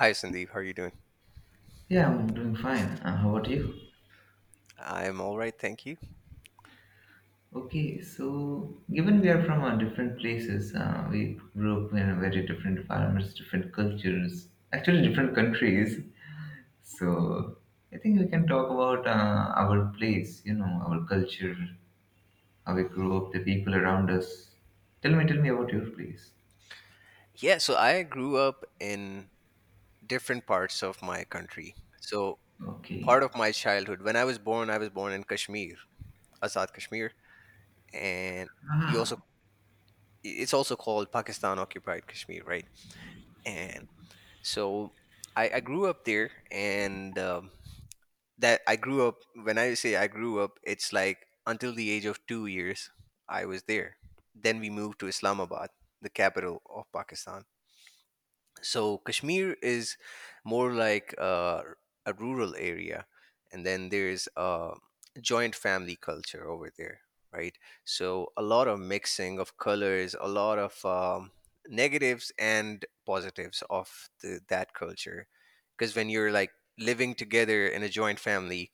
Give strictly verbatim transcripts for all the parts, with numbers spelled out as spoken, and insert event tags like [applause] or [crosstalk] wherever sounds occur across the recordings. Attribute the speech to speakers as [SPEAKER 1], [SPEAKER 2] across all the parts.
[SPEAKER 1] Hi Sandeep, how are you doing?
[SPEAKER 2] Yeah, I'm doing fine. Uh, how about you?
[SPEAKER 1] I'm all right, thank you.
[SPEAKER 2] Okay, so given we are from uh, different places, uh, we grew up in a very different environments, different cultures, actually different countries. So I think we can talk about uh, our place, you know, our culture, how we grew up, the people around us. Tell me, tell me about your place.
[SPEAKER 1] Yeah, so I grew up in different parts of my country. So
[SPEAKER 2] Okay.
[SPEAKER 1] part of my childhood, when I was born, I was born in Kashmir, Azad Kashmir, and you also it's also called Pakistan occupied Kashmir, right? And so I, I grew up there, and um, that I grew up. When I say I grew up, it's like until the age of two years, I was there. Then we moved to Islamabad, the capital of Pakistan. So Kashmir is more like uh, a rural area, and then there's a joint family culture over there, right? So a lot of mixing of colors, a lot of um, negatives and positives of the, that culture, because when you're like living together in a joint family,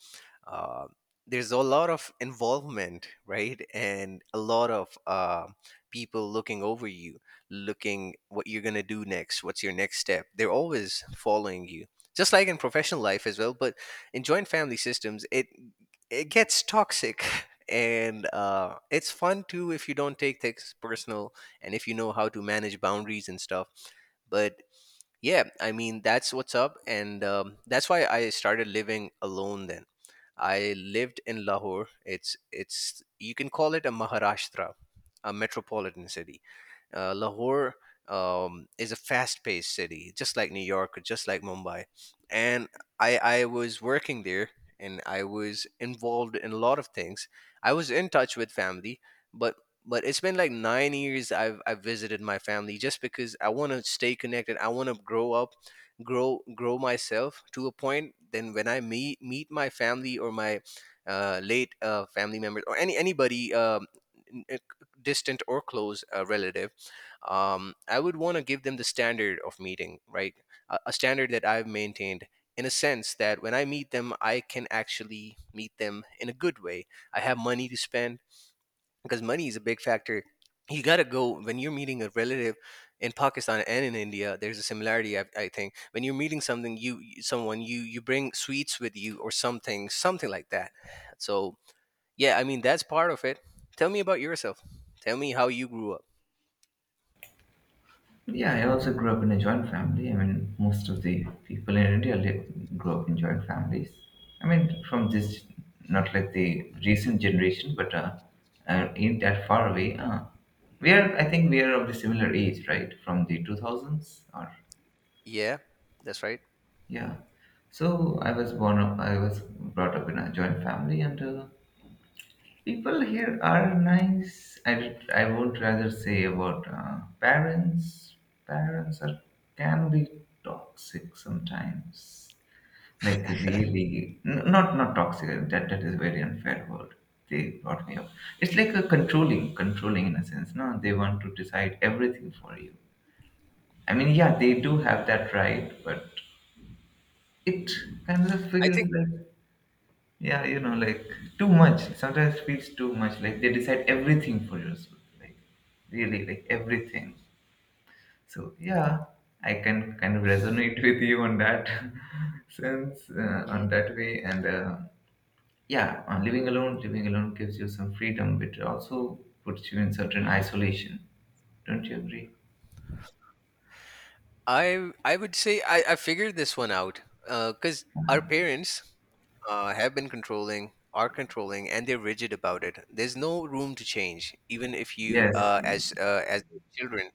[SPEAKER 1] uh, there's a lot of involvement, right? And a lot of uh, people looking over you, looking what you're going to do next, what's your next step, they're always following you, just like in professional life as well. But in joint family systems, it it gets toxic. [laughs] And uh, it's fun too if you don't take things personal, and if you know how to manage boundaries and stuff. But yeah, I mean, that's what's up. And um, that's why I started living alone. Then I lived in Lahore. It's it's you can call it a Maharashtra, a metropolitan city. uh, Lahore um, is a fast-paced city, just like New York, or just like Mumbai. And I, I was working there, and I was involved in a lot of things. I was in touch with family, but but it's been like nine years I've I've visited my family, just because I want to stay connected. I want to grow up, grow grow myself to a point. Then when I meet meet my family or my uh, late uh, family members, or any anybody um, n- uh, distant or close uh, relative, um, I would want to give them the standard of meeting, right? A, a standard that I've maintained, in a sense that when I meet them, I can actually meet them in a good way. I have money to spend, because money is a big factor. You got to go when you're meeting a relative in Pakistan and in India. There's a similarity, I, I think. When you're meeting something, you you- someone you you bring sweets with you, or something, something like that. So yeah, I mean, that's part of it. Tell me about yourself. Tell me how you grew up.
[SPEAKER 2] Yeah, I also grew up in a joint family. I mean, most of the people in India live, grow up in joint families. I mean, from this, not like the recent generation, but uh, uh, ain't that far away. Uh, we are, I think, we are of the similar age, right? From the two thousands, or
[SPEAKER 1] Yeah, that's right.
[SPEAKER 2] yeah. So I was born up, I was brought up in a joint family, and uh, people here are nice. I, did- I would rather say about uh, parents. Parents are can be toxic sometimes. Like
[SPEAKER 1] [laughs]
[SPEAKER 2] really, n- not not toxic. That that is very unfair word. They brought me up. It's like a controlling, controlling in a sense. No, they want to decide everything for you. I mean, yeah, they do have that right, but it kind of
[SPEAKER 1] I
[SPEAKER 2] feels
[SPEAKER 1] think.
[SPEAKER 2] like yeah, you know, like too much. Sometimes feels too much. Like they decide everything for you. So, like really, like everything. So yeah, I can kind of resonate [laughs] with you on that [laughs] sense, uh,
[SPEAKER 1] Mhm.
[SPEAKER 2] on that way. And uh, yeah, on living alone, living alone gives you some freedom, but it also puts you in certain isolation. Don't you agree?
[SPEAKER 1] I I would say I, I figured this one out, because our parents uh, have been controlling, are controlling, and they're rigid about it. There's no room to change, even if you
[SPEAKER 2] Yes,
[SPEAKER 1] uh, as uh, as children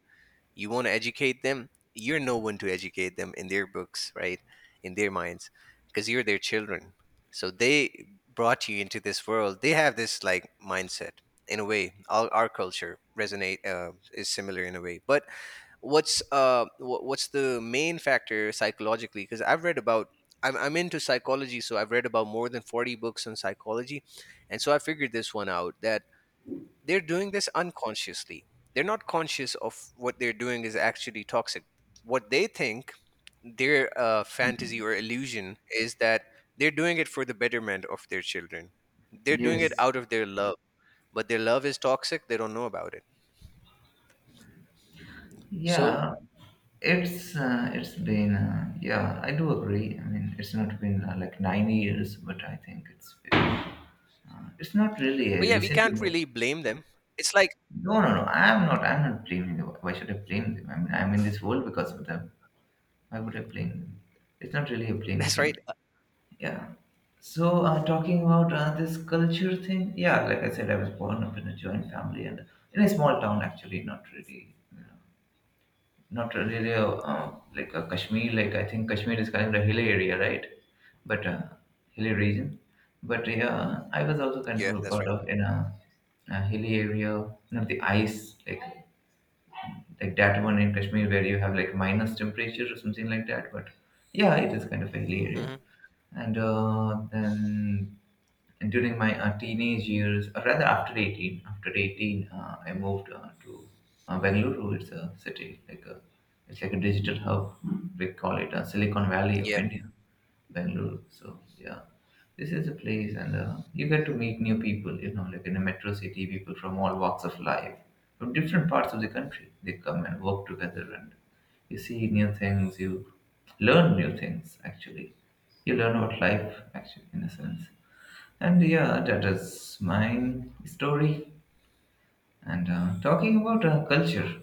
[SPEAKER 1] you want to educate them. You're no one to educate them, in their books, right? In their minds, because you're their children. So they brought you into this world. They have this like mindset, in a way. Our, our culture resonate, uh, is similar in a way, but what's uh wh- what's the main factor psychologically? Because I've read about, I'm, I'm into psychology, so I've read about more than forty books on psychology. And so I figured this one out, that they're doing this unconsciously. They're not conscious of what they're doing is actually toxic. What they think, their uh, fantasy or illusion is, that they're doing it for the betterment of their children. They're doing it
[SPEAKER 2] yes.
[SPEAKER 1] out of their love, but their love is toxic. They don't know about it. so
[SPEAKER 2] Yeah, it's uh, it's been uh, yeah, I do agree. I mean, it's not been uh, like nine years, but I think it's uh, it's not really a
[SPEAKER 1] but yeah, we
[SPEAKER 2] recent.
[SPEAKER 1] can't
[SPEAKER 2] emo-
[SPEAKER 1] really blame them. It's like,
[SPEAKER 2] No, no, no. I'm not. I'm not blaming them. Why should I blame them? I mean, I'm in this world because of them. Why would I blame them? It's not really a blame
[SPEAKER 1] that's right.
[SPEAKER 2] thing.
[SPEAKER 1] Uh,
[SPEAKER 2] Yeah. So, uh, talking about uh, this culture thing, yeah, like I said, I was born up in a joint family and in a small town, actually, not really. uh, Not really a, uh, like a Kashmir. Like I think Kashmir is kind of a hilly area, right? But uh, hilly region. But yeah, I was also kind
[SPEAKER 1] yeah,
[SPEAKER 2] of
[SPEAKER 1] that's
[SPEAKER 2] brought
[SPEAKER 1] right.
[SPEAKER 2] up in a, a hilly area. You know, the ice, like like that one in Kashmir where you have like minus temperature or something like that. But yeah, it is kind of a hilly area.
[SPEAKER 1] Hmm.
[SPEAKER 2] And uh, then during my uh, teenage years, or rather after eighteen, after eighteen, uh, I moved uh, to uh, Bengaluru. It's a city, like a, it's like a digital hub. We call it uh, Silicon Valley of
[SPEAKER 1] Yeah,
[SPEAKER 2] India, Bengaluru. So yeah, this is a place, and uh, you get to meet new people. You know, like in a metro city, people from all walks of life, from different parts of the country, they come and work together, and you see new things. You learn new things. Actually, you learn about life. Actually, in a sense. And yeah, that is my story. And uh, talking about uh, culture,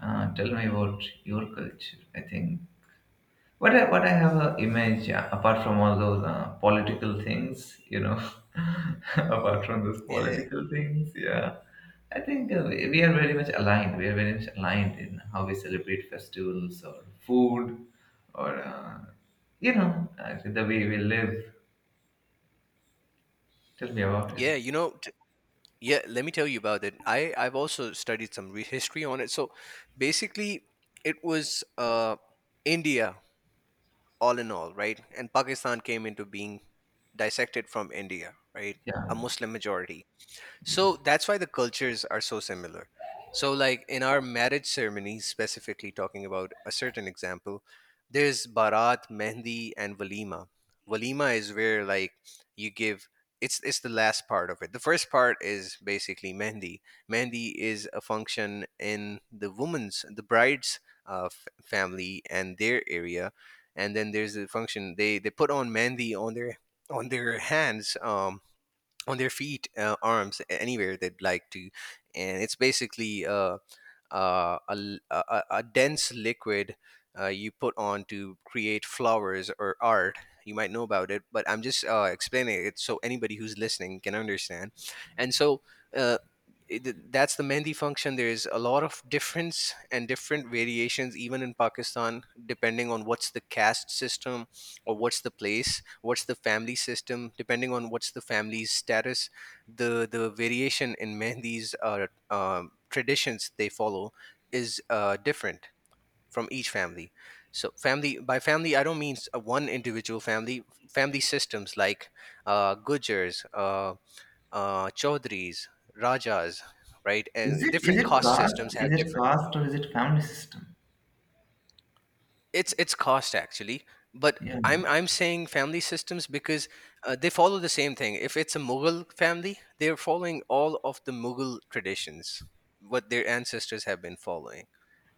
[SPEAKER 2] uh, tell me about your culture. I think what I what I have a image uh, apart from all those uh, political things, you know, [laughs] apart from those
[SPEAKER 1] yeah,
[SPEAKER 2] political things, yeah. I think uh, we we are very much aligned. We are very much aligned in how we celebrate festivals or food, or uh, you know, uh, the way we live. Tell me about it.
[SPEAKER 1] yeah. You know, t- yeah, let me tell you about it. I I've also studied some re- history on it. So basically, it was uh India all in all, right? And Pakistan came into being, dissected from India, right? A
[SPEAKER 2] Yeah.
[SPEAKER 1] Muslim majority. So
[SPEAKER 2] Yes.
[SPEAKER 1] that's why the cultures are so similar. So, like in our marriage ceremonies, specifically talking about a certain example, there's barat, mehndi, and walima. Walima is where like you give. It's it's the last part of it. The first part is basically mehndi. Mehndi is a function in the woman's, the bride's uh, f- family and their area, and then there's a function, they they put on mehndi on their on their hands. Um, on their feet, uh, arms, anywhere they'd like to, and it's basically uh, uh, a, l- a, a a dense liquid uh, you put on to create flowers or art. You might know about it, but I'm just uh, explaining it, so anybody who's listening can understand. And so uh, it, that's the mehndi function. There's a lot of difference and different variations, even in Pakistan, depending on what's the caste system, or what's the place, what's the family system, depending on what's the family's status. The the variation in [laughs] mehendi's uh, um, traditions they follow is uh, different from each family. So, family by family, I don't mean s- uh, one individual family, family systems like uh, gujars, uh, uh, chaudhries, rajas, right?
[SPEAKER 2] Is
[SPEAKER 1] And
[SPEAKER 2] it is
[SPEAKER 1] different
[SPEAKER 2] it
[SPEAKER 1] caste
[SPEAKER 2] caste?
[SPEAKER 1] systems have
[SPEAKER 2] Is it
[SPEAKER 1] different.
[SPEAKER 2] caste or is it family system?
[SPEAKER 1] it's it's cost actually, but
[SPEAKER 2] Yeah.
[SPEAKER 1] i'm i'm saying family systems, because uh, they follow the same thing. If it's a Mughal family, they're following all of the Mughal traditions, what their ancestors have been following.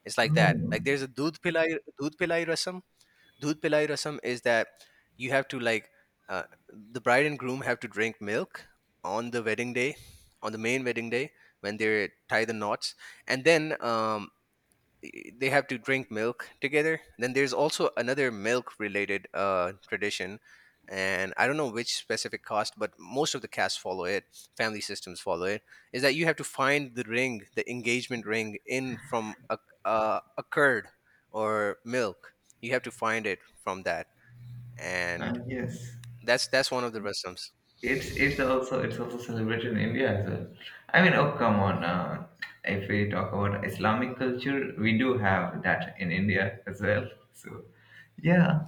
[SPEAKER 1] It's like that.
[SPEAKER 2] Oh,
[SPEAKER 1] Like, there's a dudh pilai, dudh pilai rasam Dudh pilai rasam is that you have to like, uh, the bride and groom have to drink milk on the wedding day, on the main wedding day, when they tie the knots. And then um, they have to drink milk together. Then there's also another milk related uh, tradition, and I don't know which specific caste, but most of the castes follow it. Family systems follow it. Is that you have to find the ring, the engagement ring, in from a, uh, a curd or milk. You have to find it from that,
[SPEAKER 2] uh,
[SPEAKER 1] and
[SPEAKER 2] yes.
[SPEAKER 1] that's that's one of the rasams.
[SPEAKER 2] It's it's also it's also celebrated in India as well. I mean, oh come on. Uh, if we talk about Islamic culture, we do have that in India as well. So, yeah,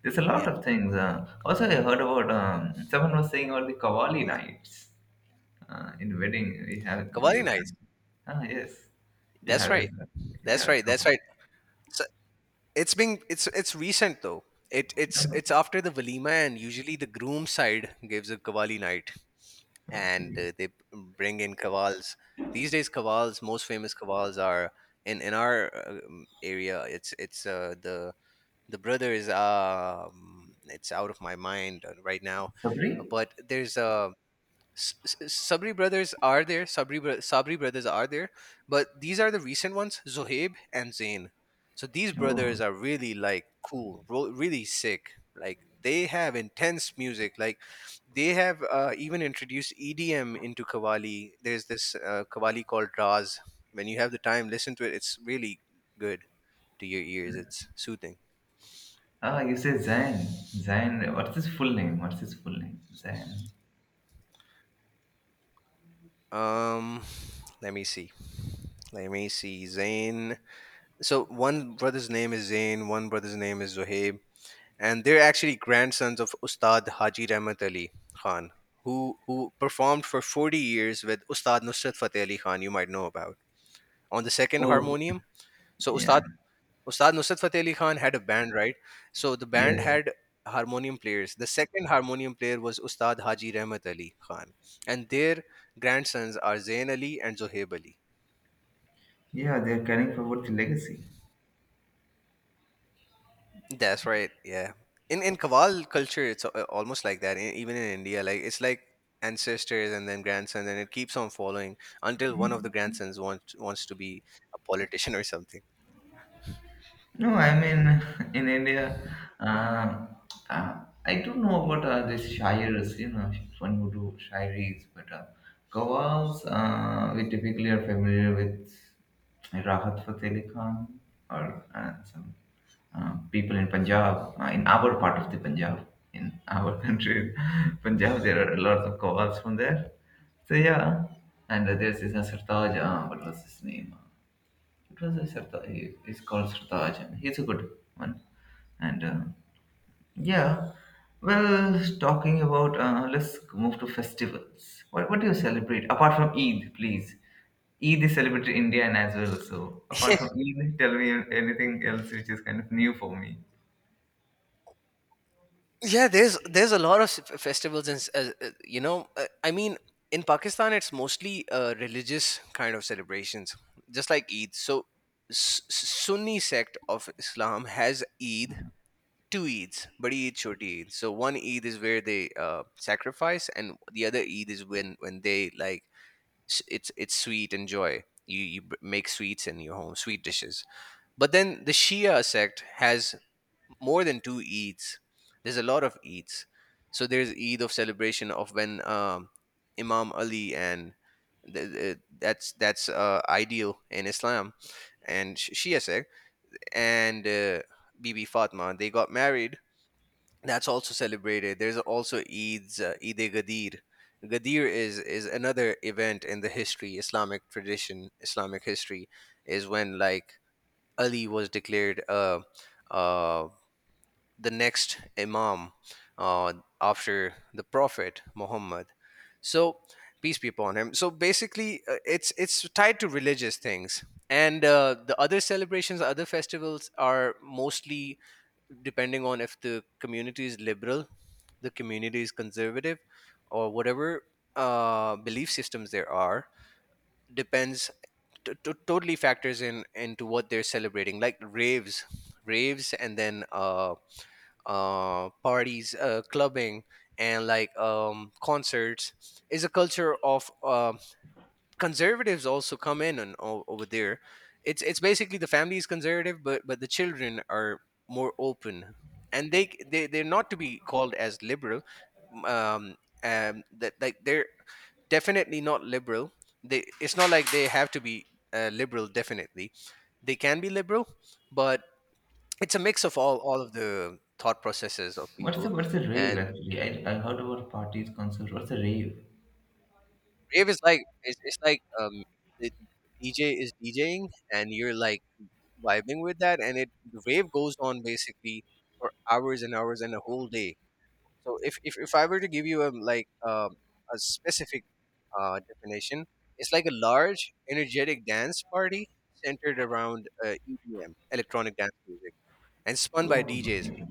[SPEAKER 2] there's a
[SPEAKER 1] Yeah,
[SPEAKER 2] lot of things. Uh, also, I heard about um, someone was saying about the Kavali nights uh, in wedding. We have
[SPEAKER 1] Kavali
[SPEAKER 2] you have
[SPEAKER 1] nights.
[SPEAKER 2] ah, yes, you
[SPEAKER 1] That's
[SPEAKER 2] have this.
[SPEAKER 1] right.
[SPEAKER 2] uh,
[SPEAKER 1] That's
[SPEAKER 2] Yeah,
[SPEAKER 1] right. That's
[SPEAKER 2] Kavali.
[SPEAKER 1] right. So, it's being, it's it's recent though. It it's it's after the walima, and usually the groom side gives a kavali night, and
[SPEAKER 2] Okay.
[SPEAKER 1] uh, they bring in kavals. These days kavals, most famous kavals are in in our um, area. It's it's uh, the the brother is, um it's out of my mind uh, right now,
[SPEAKER 2] Sabri?
[SPEAKER 1] but there's a S- S- Sabri brothers are there. Sabri bro- Sabri brothers are there, but these are the recent ones: Zohaib and Zain. So these brothers
[SPEAKER 2] Oh,
[SPEAKER 1] are really like cool, ro- really sick. Like, they have intense music. Like, they have uh, even introduced E D M into Kawali. There's this uh, Kawali called Raz. When you have the time, listen to it. It's really good to your ears. It's soothing.
[SPEAKER 2] ah, you say Zain. Zain, what's his full name? What's his full name? Zain.
[SPEAKER 1] Um, let me see. Let me see. Zain. So one brother's name is Zain, one brother's name is Zohaib, and they're actually grandsons of Ustad Haji Rahmat Ali Khan, who who performed for forty years with Ustad Nusrat Fateh Ali Khan, you might know about, on the second
[SPEAKER 2] Oh,
[SPEAKER 1] harmonium. So
[SPEAKER 2] yeah,
[SPEAKER 1] Ustad, Ustad Nusrat Fateh Ali Khan had a band, right? So the band
[SPEAKER 2] yes.
[SPEAKER 1] had harmonium players. The second harmonium player was Ustad Haji Rahmat Ali Khan, and their grandsons are Zain Ali and Zohaib Ali.
[SPEAKER 2] Yeah, they're carrying forward the legacy.
[SPEAKER 1] That's right. Yeah. In in Kaval culture, it's a- almost like that. e- Even in India, like, it's like ancestors and then grandsons, and it keeps on following until one of the grandsons wants wants to be a politician or something.
[SPEAKER 2] No, I mean, [laughs] in India, uh, uh, I don't know about uh, these shayars, you know, one who do shairis, but uh, qawwals, uh, we typically are familiar with Rahat Fateh Ali Khan or uh, some uh, people in Punjab, uh, in our part of the Punjab, in our [laughs] country, Punjab, there are lots of calls from there. So yeah, and uh, there's this uh, Sartaj. Uh, what was his name? It was a Sartaj. He, he's called Sartaj, and he's a good one. And uh, yeah, well, talking about uh, let's move to festivals. What what do you celebrate apart from Eid, please? Eid is celebrated in India and as well. So apart from
[SPEAKER 1] [laughs]
[SPEAKER 2] Eid, tell me anything else which is kind of new for me.
[SPEAKER 1] Yeah, there's there's a lot of f- festivals, and s- uh, uh, you know, uh, I mean, in Pakistan, it's mostly uh, religious kind of celebrations, just like Eid. So, S- Sunni sect of Islam has Eid, two Eids, Badi Eid, Choti Eid. So one Eid is where they uh, sacrifice, and the other Eid is when when they like, s- it's it's sweet and joy. You you b- make sweets in your home, sweet dishes. But then the Shia sect has more than two Eids. There's a lot of Eids. So there's Eid of celebration of when um, Imam Ali and the, the, that's that's uh, ideal in Islam and Sh- Shia sect, and uh, Bibi Fatma, they got married. That's also celebrated. There's also Eid's, uh, Eid e Gadir. Gadir is is another event in the history, Islamic tradition, Islamic history, is when like, Ali was declared uh, uh, the next Imam uh, after the Prophet Muhammad. So peace be upon him. So basically, uh, it's it's tied to religious things, and uh, the other celebrations, other festivals are mostly depending on if the community is liberal, the community is conservative, or whatever uh, belief systems there are, depends t- t- totally factors in into what they're celebrating, like raves, raves, and then uh, uh, parties, uh, clubbing, and like um, concerts is a culture of uh, conservatives also come in and o- over there. It's it's basically the family is conservative, but but the children are more open, and they they they're not to be called as liberal. Um, um, that like they're definitely not liberal. They, it's not like they have to be uh, liberal. Definitely, they can be liberal, but it's a mix of all all of the thought processes of
[SPEAKER 2] What's the
[SPEAKER 1] people.
[SPEAKER 2] what's a
[SPEAKER 1] And
[SPEAKER 2] rave actually? I, I heard about parties, concerts. What's a rave?
[SPEAKER 1] rave is like it's, it's like um, the D J is DJing, and you're like vibing with that, and it the rave goes on basically for hours and hours and a whole day. So if if, if I were to give you a like um, a specific uh, definition, it's like a large, energetic dance party centered around uh, E D M, electronic dance music, and spun by
[SPEAKER 2] Oh,
[SPEAKER 1] D Js.
[SPEAKER 2] okay.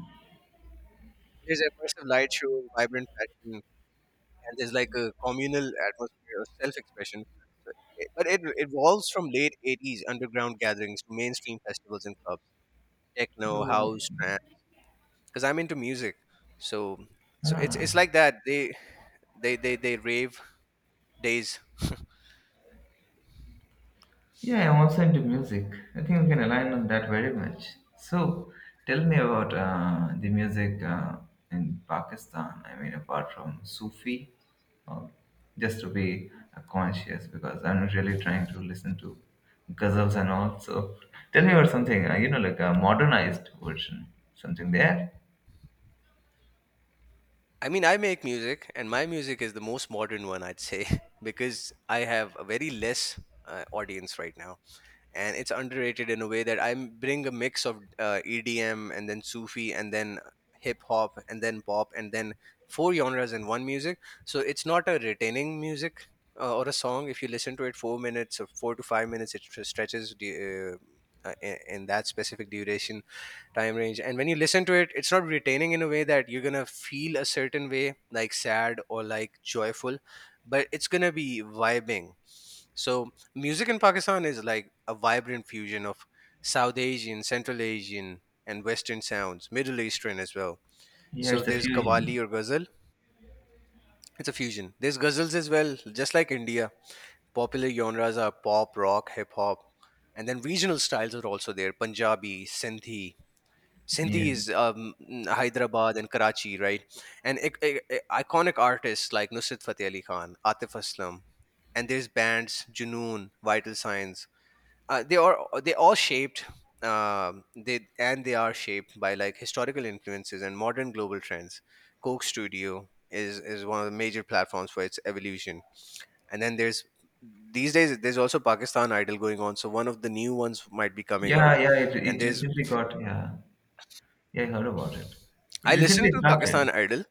[SPEAKER 1] There's immersive light shows, vibrant fashion, and there's like a communal atmosphere of self-expression. So it- but it it evolves from late eighties underground gatherings to mainstream festivals and clubs, techno,
[SPEAKER 2] Oh,
[SPEAKER 1] house, trance because I'm into music. So so it's it's
[SPEAKER 2] ah,
[SPEAKER 1] like that. They they they they rave days.
[SPEAKER 2] yeah, I'm also into music. I think we can align on that very much. So, tell me about uh, the music uh, in Pakistan. I mean, apart from Sufi, uh, just to be uh, conscious because I'm not really trying to listen to ghazals and all. So, tell me about something, uh, you know, like a modernized version, something there.
[SPEAKER 1] I mean, I make music, and my music is the most modern one, I'd say, [laughs] because I have a very less uh, audience right now, and it's underrated in a way that I m- bring a mix of uh, E D M and then Sufi and then hip hop and then pop and then four genres in one music. So it's not a retaining music uh, or a song. If you listen to it four minutes or four to five minutes, it tr- stretches the. Uh, uh, in in that specific duration time range, and when you listen to it, it's not retaining in a way that you're gonna feel a certain way, like sad or like joyful, but it's gonna be vibing. So music in Pakistan is like a vibrant fusion of South Asian, Central Asian, and Western sounds, Middle Eastern as well.
[SPEAKER 2] Yeah,
[SPEAKER 1] So
[SPEAKER 2] it's a
[SPEAKER 1] there's
[SPEAKER 2] fusion.
[SPEAKER 1] Qawwali or Ghazal. It's a fusion. There's Ghazals as well, just like India. Popular genres are pop, rock, hip hop, and then regional styles are also there. Punjabi, Sindhi. Sindhi is
[SPEAKER 2] Yes.
[SPEAKER 1] um, Hyderabad and Karachi, right? And ic- ic- iconic artists like Nusrat Fateh Ali Khan, Atif Aslam, and there's bands Junoon, Vital Signs, uh, they are they all shaped um, they, and they are shaped by like historical influences and modern global trends. Coke Studio is is one of the major platforms for its evolution, and then there's these days there's also Pakistan Idol going on. So one of the new ones might be coming out,
[SPEAKER 2] Yeah, yeah, it,
[SPEAKER 1] and
[SPEAKER 2] it
[SPEAKER 1] there's
[SPEAKER 2] recently got, yeah, yeah, I heard about it. It
[SPEAKER 1] I listened
[SPEAKER 2] recently
[SPEAKER 1] to Pakistan
[SPEAKER 2] started,
[SPEAKER 1] Idol.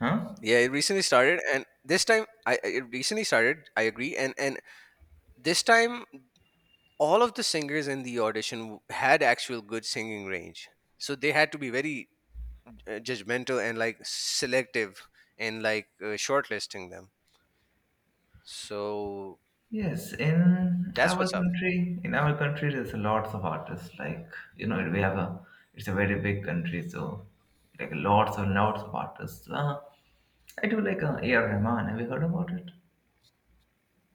[SPEAKER 2] huh?
[SPEAKER 1] Yeah, it recently started, and this time I I- it recently started. I agree, and and this time all of the singers in the audition had actual good singing range, so they had to be very uh, judgmental and like selective and like uh, shortlisting them. So
[SPEAKER 2] Yes, in
[SPEAKER 1] that's
[SPEAKER 2] our
[SPEAKER 1] what's up.
[SPEAKER 2] country, in our country, there's lots of artists. Like, you know, we have a, it's a very big country, so like lots and lots of artists. Uh, I do like uh, A R. Rahman. Have you heard about it?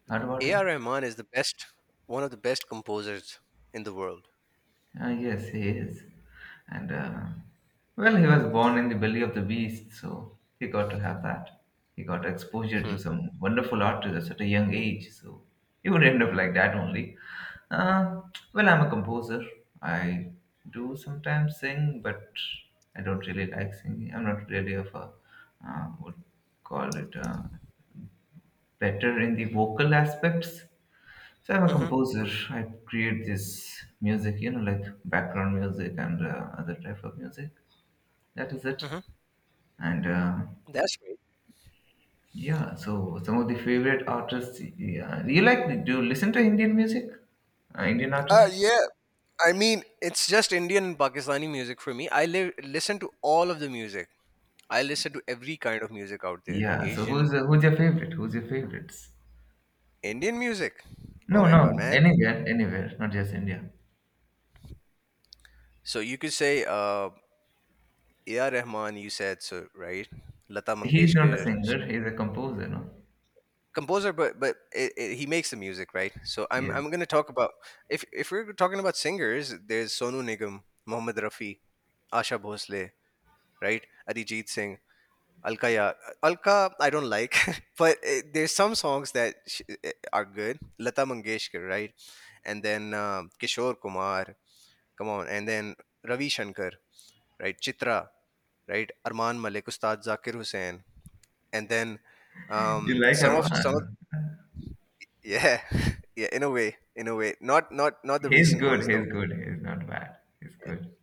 [SPEAKER 2] Heard about him?
[SPEAKER 1] A R. Rahman is the best, one of the best composers in the world.
[SPEAKER 2] Uh, yes, he is. And uh, well, he was born in the belly of the beast, so he got to have that. He got exposure
[SPEAKER 1] Hmm.
[SPEAKER 2] to some wonderful artists at a young age, so he would end up like that only. Uh, well, I'm a composer. I do sometimes sing, but I don't really like singing. I'm not really of a uh, would call it uh, better in the vocal aspects. So I'm a
[SPEAKER 1] Hmm.
[SPEAKER 2] composer. I create this music, you know, like background music and uh, other type of music. That is it.
[SPEAKER 1] Hmm.
[SPEAKER 2] And uh,
[SPEAKER 1] That's great.
[SPEAKER 2] yeah, so some of the favorite artists. Yeah, you like? Do you listen to Indian music? Uh, Indian
[SPEAKER 1] Uh,
[SPEAKER 2] artists?
[SPEAKER 1] yeah. I mean, it's just Indian and Pakistani music for me. I li- listen to all of the music. I listen to every kind of music out there.
[SPEAKER 2] Yeah. So
[SPEAKER 1] Asian,
[SPEAKER 2] who's uh, who's your favorite? Who's your favorites?
[SPEAKER 1] Indian music. Oh
[SPEAKER 2] No,
[SPEAKER 1] my god,
[SPEAKER 2] no,
[SPEAKER 1] man.
[SPEAKER 2] anywhere, anywhere, not just India.
[SPEAKER 1] So you could say uh, A R. Rahman, you said so, right? Lata
[SPEAKER 2] He's not a
[SPEAKER 1] Mangeshkar,
[SPEAKER 2] singer. He's a composer. No.
[SPEAKER 1] composer, but but it, it, he makes the music, right? So i'm
[SPEAKER 2] Yes.
[SPEAKER 1] i'm going to talk about, if if we're talking about singers, there's Sonu Nigam, Mohammed Rafi, Asha Bhosle, right? Arijit Singh, Alka Ya, Alka, I don't like [laughs] but eh, there's some songs that sh- eh, are good. Lata Mangeshkar, right? And then um, Kishore Kumar, come on, and then Ravi Shankar, right? Chitra, right? Arman Malik, Ustad Zakir Hussain, and then um,
[SPEAKER 2] You like
[SPEAKER 1] some of some of
[SPEAKER 2] Arman?
[SPEAKER 1] Yeah, [laughs] yeah. In a way, in a way, not not not the
[SPEAKER 2] He's
[SPEAKER 1] recent
[SPEAKER 2] good.
[SPEAKER 1] ones though.
[SPEAKER 2] He's good. He's not bad. He's good.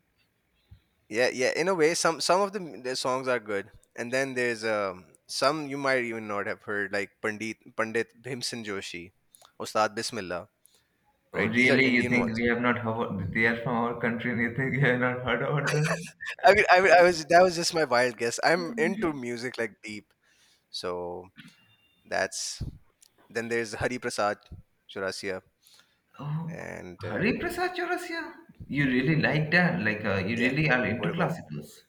[SPEAKER 1] Yeah, yeah. In a way, some some of the, m- the songs are good, and then there's um some you might even not have heard, like Pandit Pandit Bhimsen Joshi, Ustad Bismillah.
[SPEAKER 2] Oh,
[SPEAKER 1] Right, these are
[SPEAKER 2] really? You
[SPEAKER 1] Indian
[SPEAKER 2] think
[SPEAKER 1] ones.
[SPEAKER 2] we have not heard? They are from our country, and you think we have not heard about them?
[SPEAKER 1] I mean, I mean, I was that was just my wild guess. I'm into music like deep, so that's then. There's Hari Prasad Chaurasia,
[SPEAKER 2] Oh,
[SPEAKER 1] and uh,
[SPEAKER 2] Hari Prasad Chaurasia. You really like that? Like, uh, you
[SPEAKER 1] yeah.
[SPEAKER 2] really are
[SPEAKER 1] What
[SPEAKER 2] into
[SPEAKER 1] about?
[SPEAKER 2] classicals.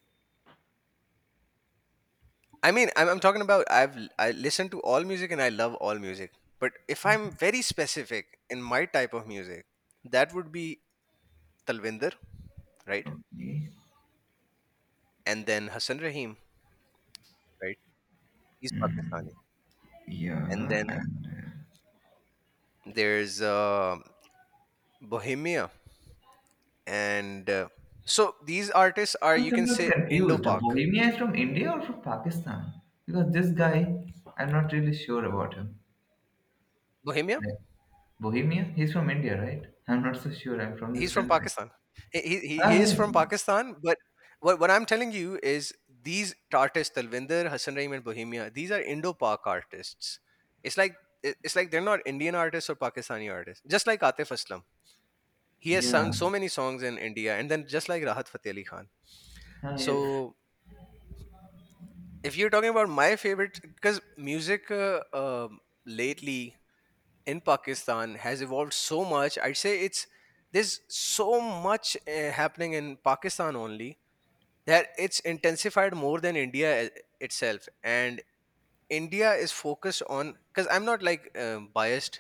[SPEAKER 1] I mean, I'm, I'm talking about I've l- I have I listen to all music and I love all music. But if I'm very specific in my type of music, that would be Talvinder, right?
[SPEAKER 2] Okay.
[SPEAKER 1] And then Hassan Rahim, right? He's Pakistani. And
[SPEAKER 2] Yeah,
[SPEAKER 1] then
[SPEAKER 2] and uh,
[SPEAKER 1] there's uh, Bohemia, and uh, so these artists are
[SPEAKER 2] I'm
[SPEAKER 1] you can
[SPEAKER 2] sometimes
[SPEAKER 1] say Indo
[SPEAKER 2] confused.
[SPEAKER 1] Pak.
[SPEAKER 2] Bohemia is from India or from Pakistan? Because this guy, I'm not really sure about him.
[SPEAKER 1] Bohemia,
[SPEAKER 2] Like, Bohemia? He's from India, right? I'm not so sure. I'm from this
[SPEAKER 1] he's from
[SPEAKER 2] country.
[SPEAKER 1] Pakistan. He, he,
[SPEAKER 2] Ah,
[SPEAKER 1] he is
[SPEAKER 2] yes.
[SPEAKER 1] from
[SPEAKER 2] Yes.
[SPEAKER 1] Pakistan, but what, what I'm telling you is these artists, Talvinder, Hassan Raheem, and Bohemia, these are Indo-Pak artists. It's like it- it's like they're not Indian artists or Pakistani artists. Just like Atif Aslam, he has
[SPEAKER 2] Yeah.
[SPEAKER 1] sung so many songs in India, and then just like Rahat Fateh Ali Khan.
[SPEAKER 2] Ah, yes.
[SPEAKER 1] So if you're talking about my favorite, because music uh, um lately in Pakistan has evolved so much, I'd say it's there's so much uh, happening in Pakistan only that it's intensified more than India eh, itself, and India is focused on, because I'm not like um, biased,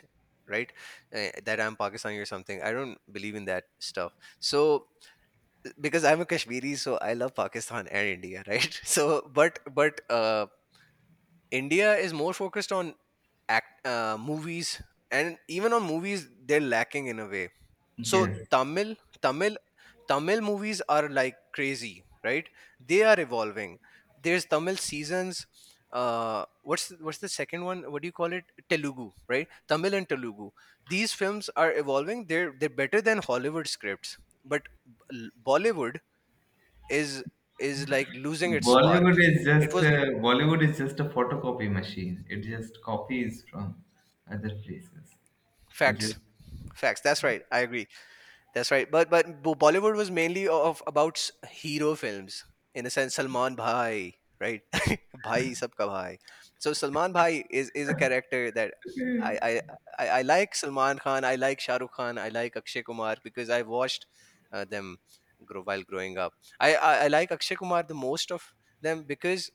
[SPEAKER 1] right? Uh, that I'm Pakistani or something, I don't believe in that stuff. So because I'm a Kashmiri, so I love Pakistan and India, right? [laughs] So but but uh, India is more focused on act uh, movies, and even on movies they're lacking in a way. So
[SPEAKER 2] Yes.
[SPEAKER 1] Tamil, tamil Tamil movies are like crazy, right? They are evolving. There's Tamil seasons, uh what's the, what's the second one, what do you call it? Telugu, right? Tamil and Telugu, these films are evolving, they're they're better than Hollywood scripts, but B- bollywood is is like losing its spark.
[SPEAKER 2] Bollywood is just
[SPEAKER 1] It was
[SPEAKER 2] a, Bollywood is just a photocopy machine. It just copies from other places. It just
[SPEAKER 1] facts. Facts, that's right, I agree. That's right. But but Bo- Bollywood was mainly of about s- hero films in a sense. Salman Bhai, right? [laughs] Bhai sabka bhai. So Salman Bhai is is a character that I I I, I like Salman Khan. I like Shah Rukh Khan. I like Akshay Kumar because I watched uh, them grow while growing up. I, I I like Akshay Kumar the most of them because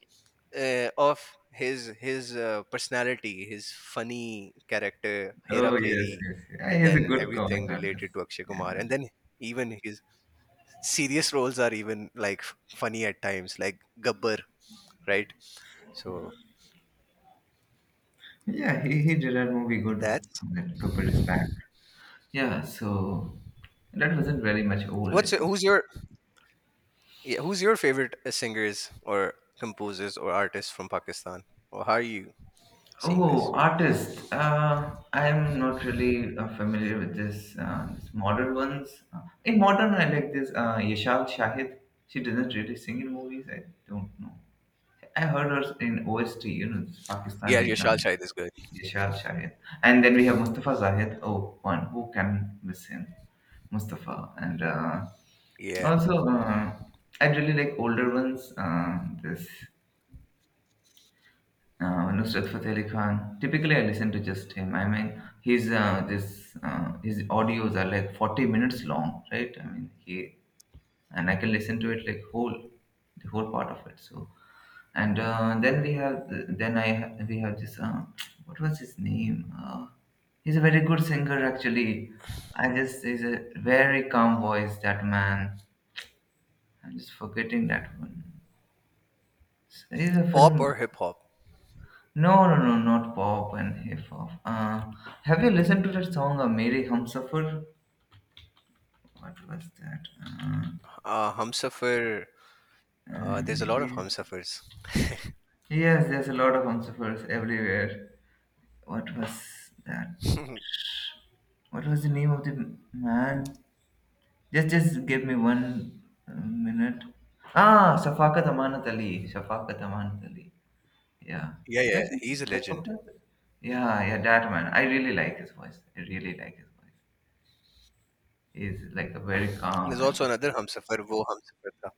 [SPEAKER 1] uh, of his his uh, personality, his funny character, Hera
[SPEAKER 2] Oh, yes,
[SPEAKER 1] Pheri,
[SPEAKER 2] yes. Yeah,
[SPEAKER 1] and
[SPEAKER 2] he's a
[SPEAKER 1] then
[SPEAKER 2] good comic
[SPEAKER 1] everything related
[SPEAKER 2] artist.
[SPEAKER 1] to Akshay Kumar, and
[SPEAKER 2] Yeah,
[SPEAKER 1] then even his serious roles are even like f- funny at times, like Gabbar, right? So
[SPEAKER 2] yeah, he, he did that movie good,
[SPEAKER 1] that's
[SPEAKER 2] that Cooper is back. Yeah, so that wasn't very much old, I
[SPEAKER 1] what's
[SPEAKER 2] think.
[SPEAKER 1] who's your yeah, who's your favorite uh, singers or composers or artists from Pakistan, or how are you seeing this?
[SPEAKER 2] Oh, artist. Uh, I'm not really uh, familiar with this uh, this modern ones. Uh, in modern I like this uh, Yashal Shahid. She doesn't really sing in movies. I don't know. I heard her in O S T, you know, this
[SPEAKER 1] Yeah,
[SPEAKER 2] Pakistani
[SPEAKER 1] Yashal
[SPEAKER 2] drama.
[SPEAKER 1] Shahid is good.
[SPEAKER 2] Yashar Shahid. And then we have Mustafa Zahid. Oh, one. Who can miss him? Mustafa. And uh,
[SPEAKER 1] Yeah,
[SPEAKER 2] also, uh, I really like older ones. Uh, this uh, Nusrat Fateh Ali Khan. Typically, I listen to just him. I mean, his uh, this uh, his audios are like forty minutes long, right? I mean, he and I can listen to it like whole, the whole part of it. So and uh, then we have then I ha- we have this uh, what was his name? Uh, he's a very good singer actually. I just He's a very calm voice, that man. I'm just forgetting that one. He's a
[SPEAKER 1] pop or
[SPEAKER 2] film.
[SPEAKER 1] hip hop?
[SPEAKER 2] No, no, no, not pop and hip hop. Uh, have you listened to that song, uh, mere Humsafar? What was that? Uh,
[SPEAKER 1] Uh, Humsafir. Uh,
[SPEAKER 2] uh,
[SPEAKER 1] there's a lot of
[SPEAKER 2] Mary.
[SPEAKER 1] Humsafers.
[SPEAKER 2] Yes, there's a lot of Humsafars everywhere. What was that?
[SPEAKER 1] [laughs] Yeah,
[SPEAKER 2] What was the name of the man? Just, just give me one uh, minute. Ah, Safakat Amanat Ali. Safakat Amanat Ali. Yeah. Did
[SPEAKER 1] yeah,
[SPEAKER 2] I say
[SPEAKER 1] he's a legend.
[SPEAKER 2] Safakat? Yeah, yeah, that man. I really like his voice. I really like his voice. He's like a very calm,
[SPEAKER 1] There's also
[SPEAKER 2] and
[SPEAKER 1] another Humsafir, Wo Humsafir Tha.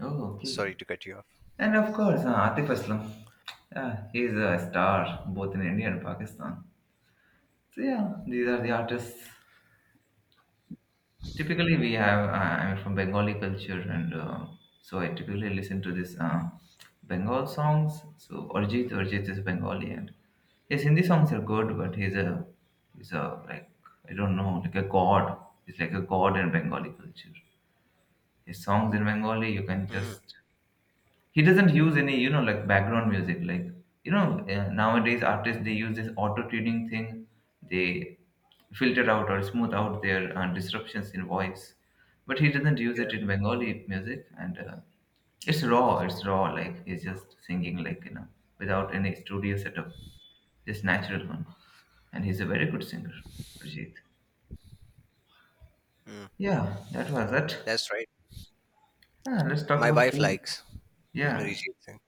[SPEAKER 2] oh, okay.
[SPEAKER 1] Sorry to cut you off.
[SPEAKER 2] And of course, uh, Atif Aslam. Yeah, he's a star both in India and Pakistan. So yeah, these are the artists. Typically, we have, uh, I'm from Bengali culture, and uh, so I typically listen to this uh, Bengal songs. So Arjit, Arjit is Bengali, and his Hindi songs are good, but he's a, he's a, like, I don't know, like a god. He's like a god in Bengali culture. His songs in Bengali, you can
[SPEAKER 1] Mm,
[SPEAKER 2] just— he doesn't use any, you know like, background music, like, you know uh, nowadays artists, they use this auto tuning thing, they filter out or smooth out their uh, disruptions in voice, but he doesn't use it
[SPEAKER 1] yeah.
[SPEAKER 2] in Bengali music, and uh, it's raw, it's raw, like he's just singing, like, you know without any studio setup, just natural one, and he's a very good singer, Arjit.
[SPEAKER 1] Hmm.
[SPEAKER 2] Yeah, that was it.
[SPEAKER 1] That's right.
[SPEAKER 2] Ah, let's talk
[SPEAKER 1] My
[SPEAKER 2] about
[SPEAKER 1] wife
[SPEAKER 2] food.
[SPEAKER 1] likes
[SPEAKER 2] Yeah.
[SPEAKER 1] Arijit Singh.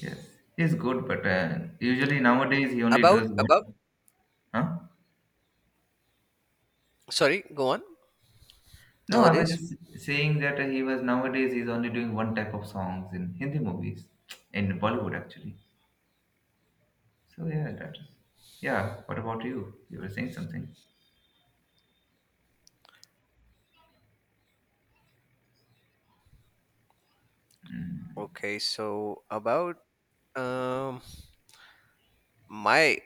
[SPEAKER 2] Yes, he's good, but uh, usually nowadays he only
[SPEAKER 1] About
[SPEAKER 2] does
[SPEAKER 1] about
[SPEAKER 2] one. Huh?
[SPEAKER 1] sorry, go on.
[SPEAKER 2] No, I was
[SPEAKER 1] Nowadays,
[SPEAKER 2] just saying that he was— nowadays he's only doing one type of songs in Hindi movies, in Bollywood actually. So yeah, that is. Yeah. What about you? You were saying something.
[SPEAKER 1] okay. So about um my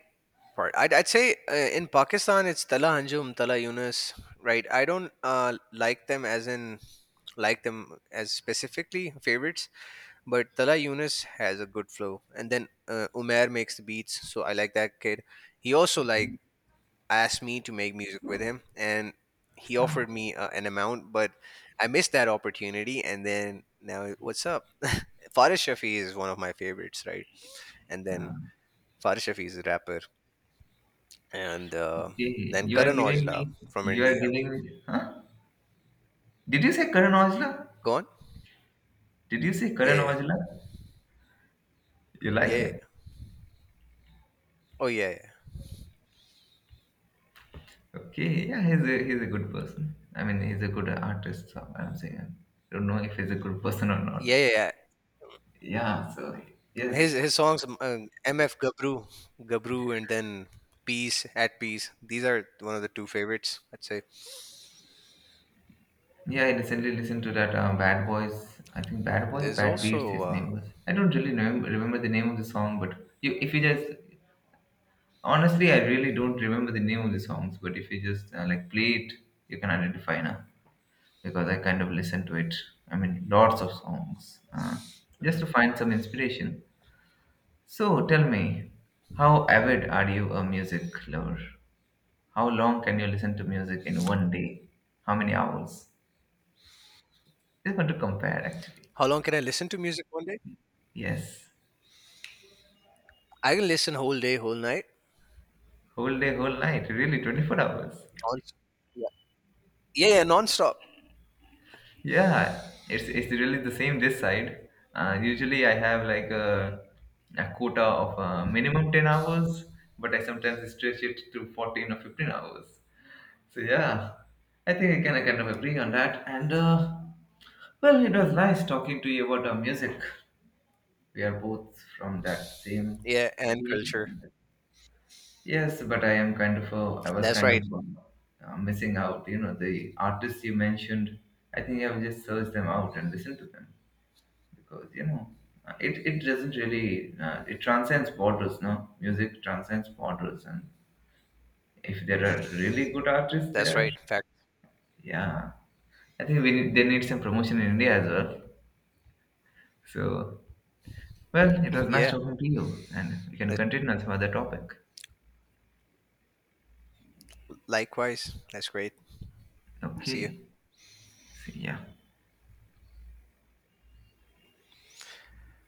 [SPEAKER 1] part, I'd, I'd say uh, in Pakistan it's Tala Hanjum, Tala Yunus, right? I don't uh like them as in like them as specifically favorites, but Tala Yunus has a good flow, and then uh, Umair makes the beats, so I like that kid. He also like asked me to make music with him, and he
[SPEAKER 2] Huh?
[SPEAKER 1] offered me uh, an amount, but I missed that opportunity, and then now what's up. [laughs] Faris Shafi is one of my favorites, right? And then Faris Shafi is a rapper, and uh,
[SPEAKER 2] Okay,
[SPEAKER 1] then
[SPEAKER 2] you are
[SPEAKER 1] Karan
[SPEAKER 2] giving
[SPEAKER 1] Aujla
[SPEAKER 2] me.
[SPEAKER 1] from
[SPEAKER 2] You are
[SPEAKER 1] India,
[SPEAKER 2] giving me. Huh? Did you say Karan Aujla?
[SPEAKER 1] go on.
[SPEAKER 2] Did you say
[SPEAKER 1] Yeah,
[SPEAKER 2] Karan
[SPEAKER 1] yeah,
[SPEAKER 2] Aujla? You
[SPEAKER 1] yeah,
[SPEAKER 2] like
[SPEAKER 1] yeah, yeah.
[SPEAKER 2] him?
[SPEAKER 1] Oh, yeah, yeah.
[SPEAKER 2] Okay, yeah, he's a he's a good person. I mean, he's a good artist. So I'm saying I don't know if he's a good person or not.
[SPEAKER 1] Yeah, yeah, yeah.
[SPEAKER 2] Yeah, so yes,
[SPEAKER 1] his his songs um, uh, MF Gabru, Gabru, and then Peace, At Peace, these are one of the two favorites, I'd say.
[SPEAKER 2] yeah, I recently listened to that um, Bad Boys. I think Bad Boys,
[SPEAKER 1] There's
[SPEAKER 2] Bad Beats,
[SPEAKER 1] also
[SPEAKER 2] his
[SPEAKER 1] uh,
[SPEAKER 2] name was. I don't really remember, remember the name of the song, but you, if you just— honestly, I really don't remember the name of the songs. But if you just uh, like, play it, you can identify now because I kind of listened to it. I mean, lots of songs uh, just
[SPEAKER 1] mm,
[SPEAKER 2] to find some inspiration. So tell me, how avid are you a music lover? How long can you listen to music in one day? How many hours? Just want to compare actually.
[SPEAKER 1] how long can I listen to music one day?
[SPEAKER 2] Yes.
[SPEAKER 1] I can listen whole day, whole night.
[SPEAKER 2] Whole day, whole night, really twenty-four hours.
[SPEAKER 1] Non- yeah. Yeah, yeah, nonstop.
[SPEAKER 2] Yeah, it's it's really the same this side. Uh, usually I have like a, a quota of uh, minimum ten hours, but I sometimes stretch it to fourteen or fifteen hours. So yeah, I think I can— I kind of agree on that. And uh, well, it was nice talking to you about our music. We are both from that same
[SPEAKER 1] Yeah, and
[SPEAKER 2] field.
[SPEAKER 1] culture.
[SPEAKER 2] Yes, but I am kind of uh, I was
[SPEAKER 1] That's
[SPEAKER 2] kind of
[SPEAKER 1] right.
[SPEAKER 2] um, uh, missing out. You know, the artists you mentioned, I think I will just search them out and listen to them because, you know, uh, it it doesn't really uh, it transcends borders. No, music transcends borders, and if there are really good artists
[SPEAKER 1] That's
[SPEAKER 2] there,
[SPEAKER 1] right. Fact.
[SPEAKER 2] yeah, I think we need, they need some promotion in India as well. So, well, it
[SPEAKER 1] [laughs]
[SPEAKER 2] was nice
[SPEAKER 1] Yeah.
[SPEAKER 2] talking to you, and we can
[SPEAKER 1] That's,
[SPEAKER 2] continue on some other topic.
[SPEAKER 1] likewise. That's great. See you.
[SPEAKER 2] Okay, see ya.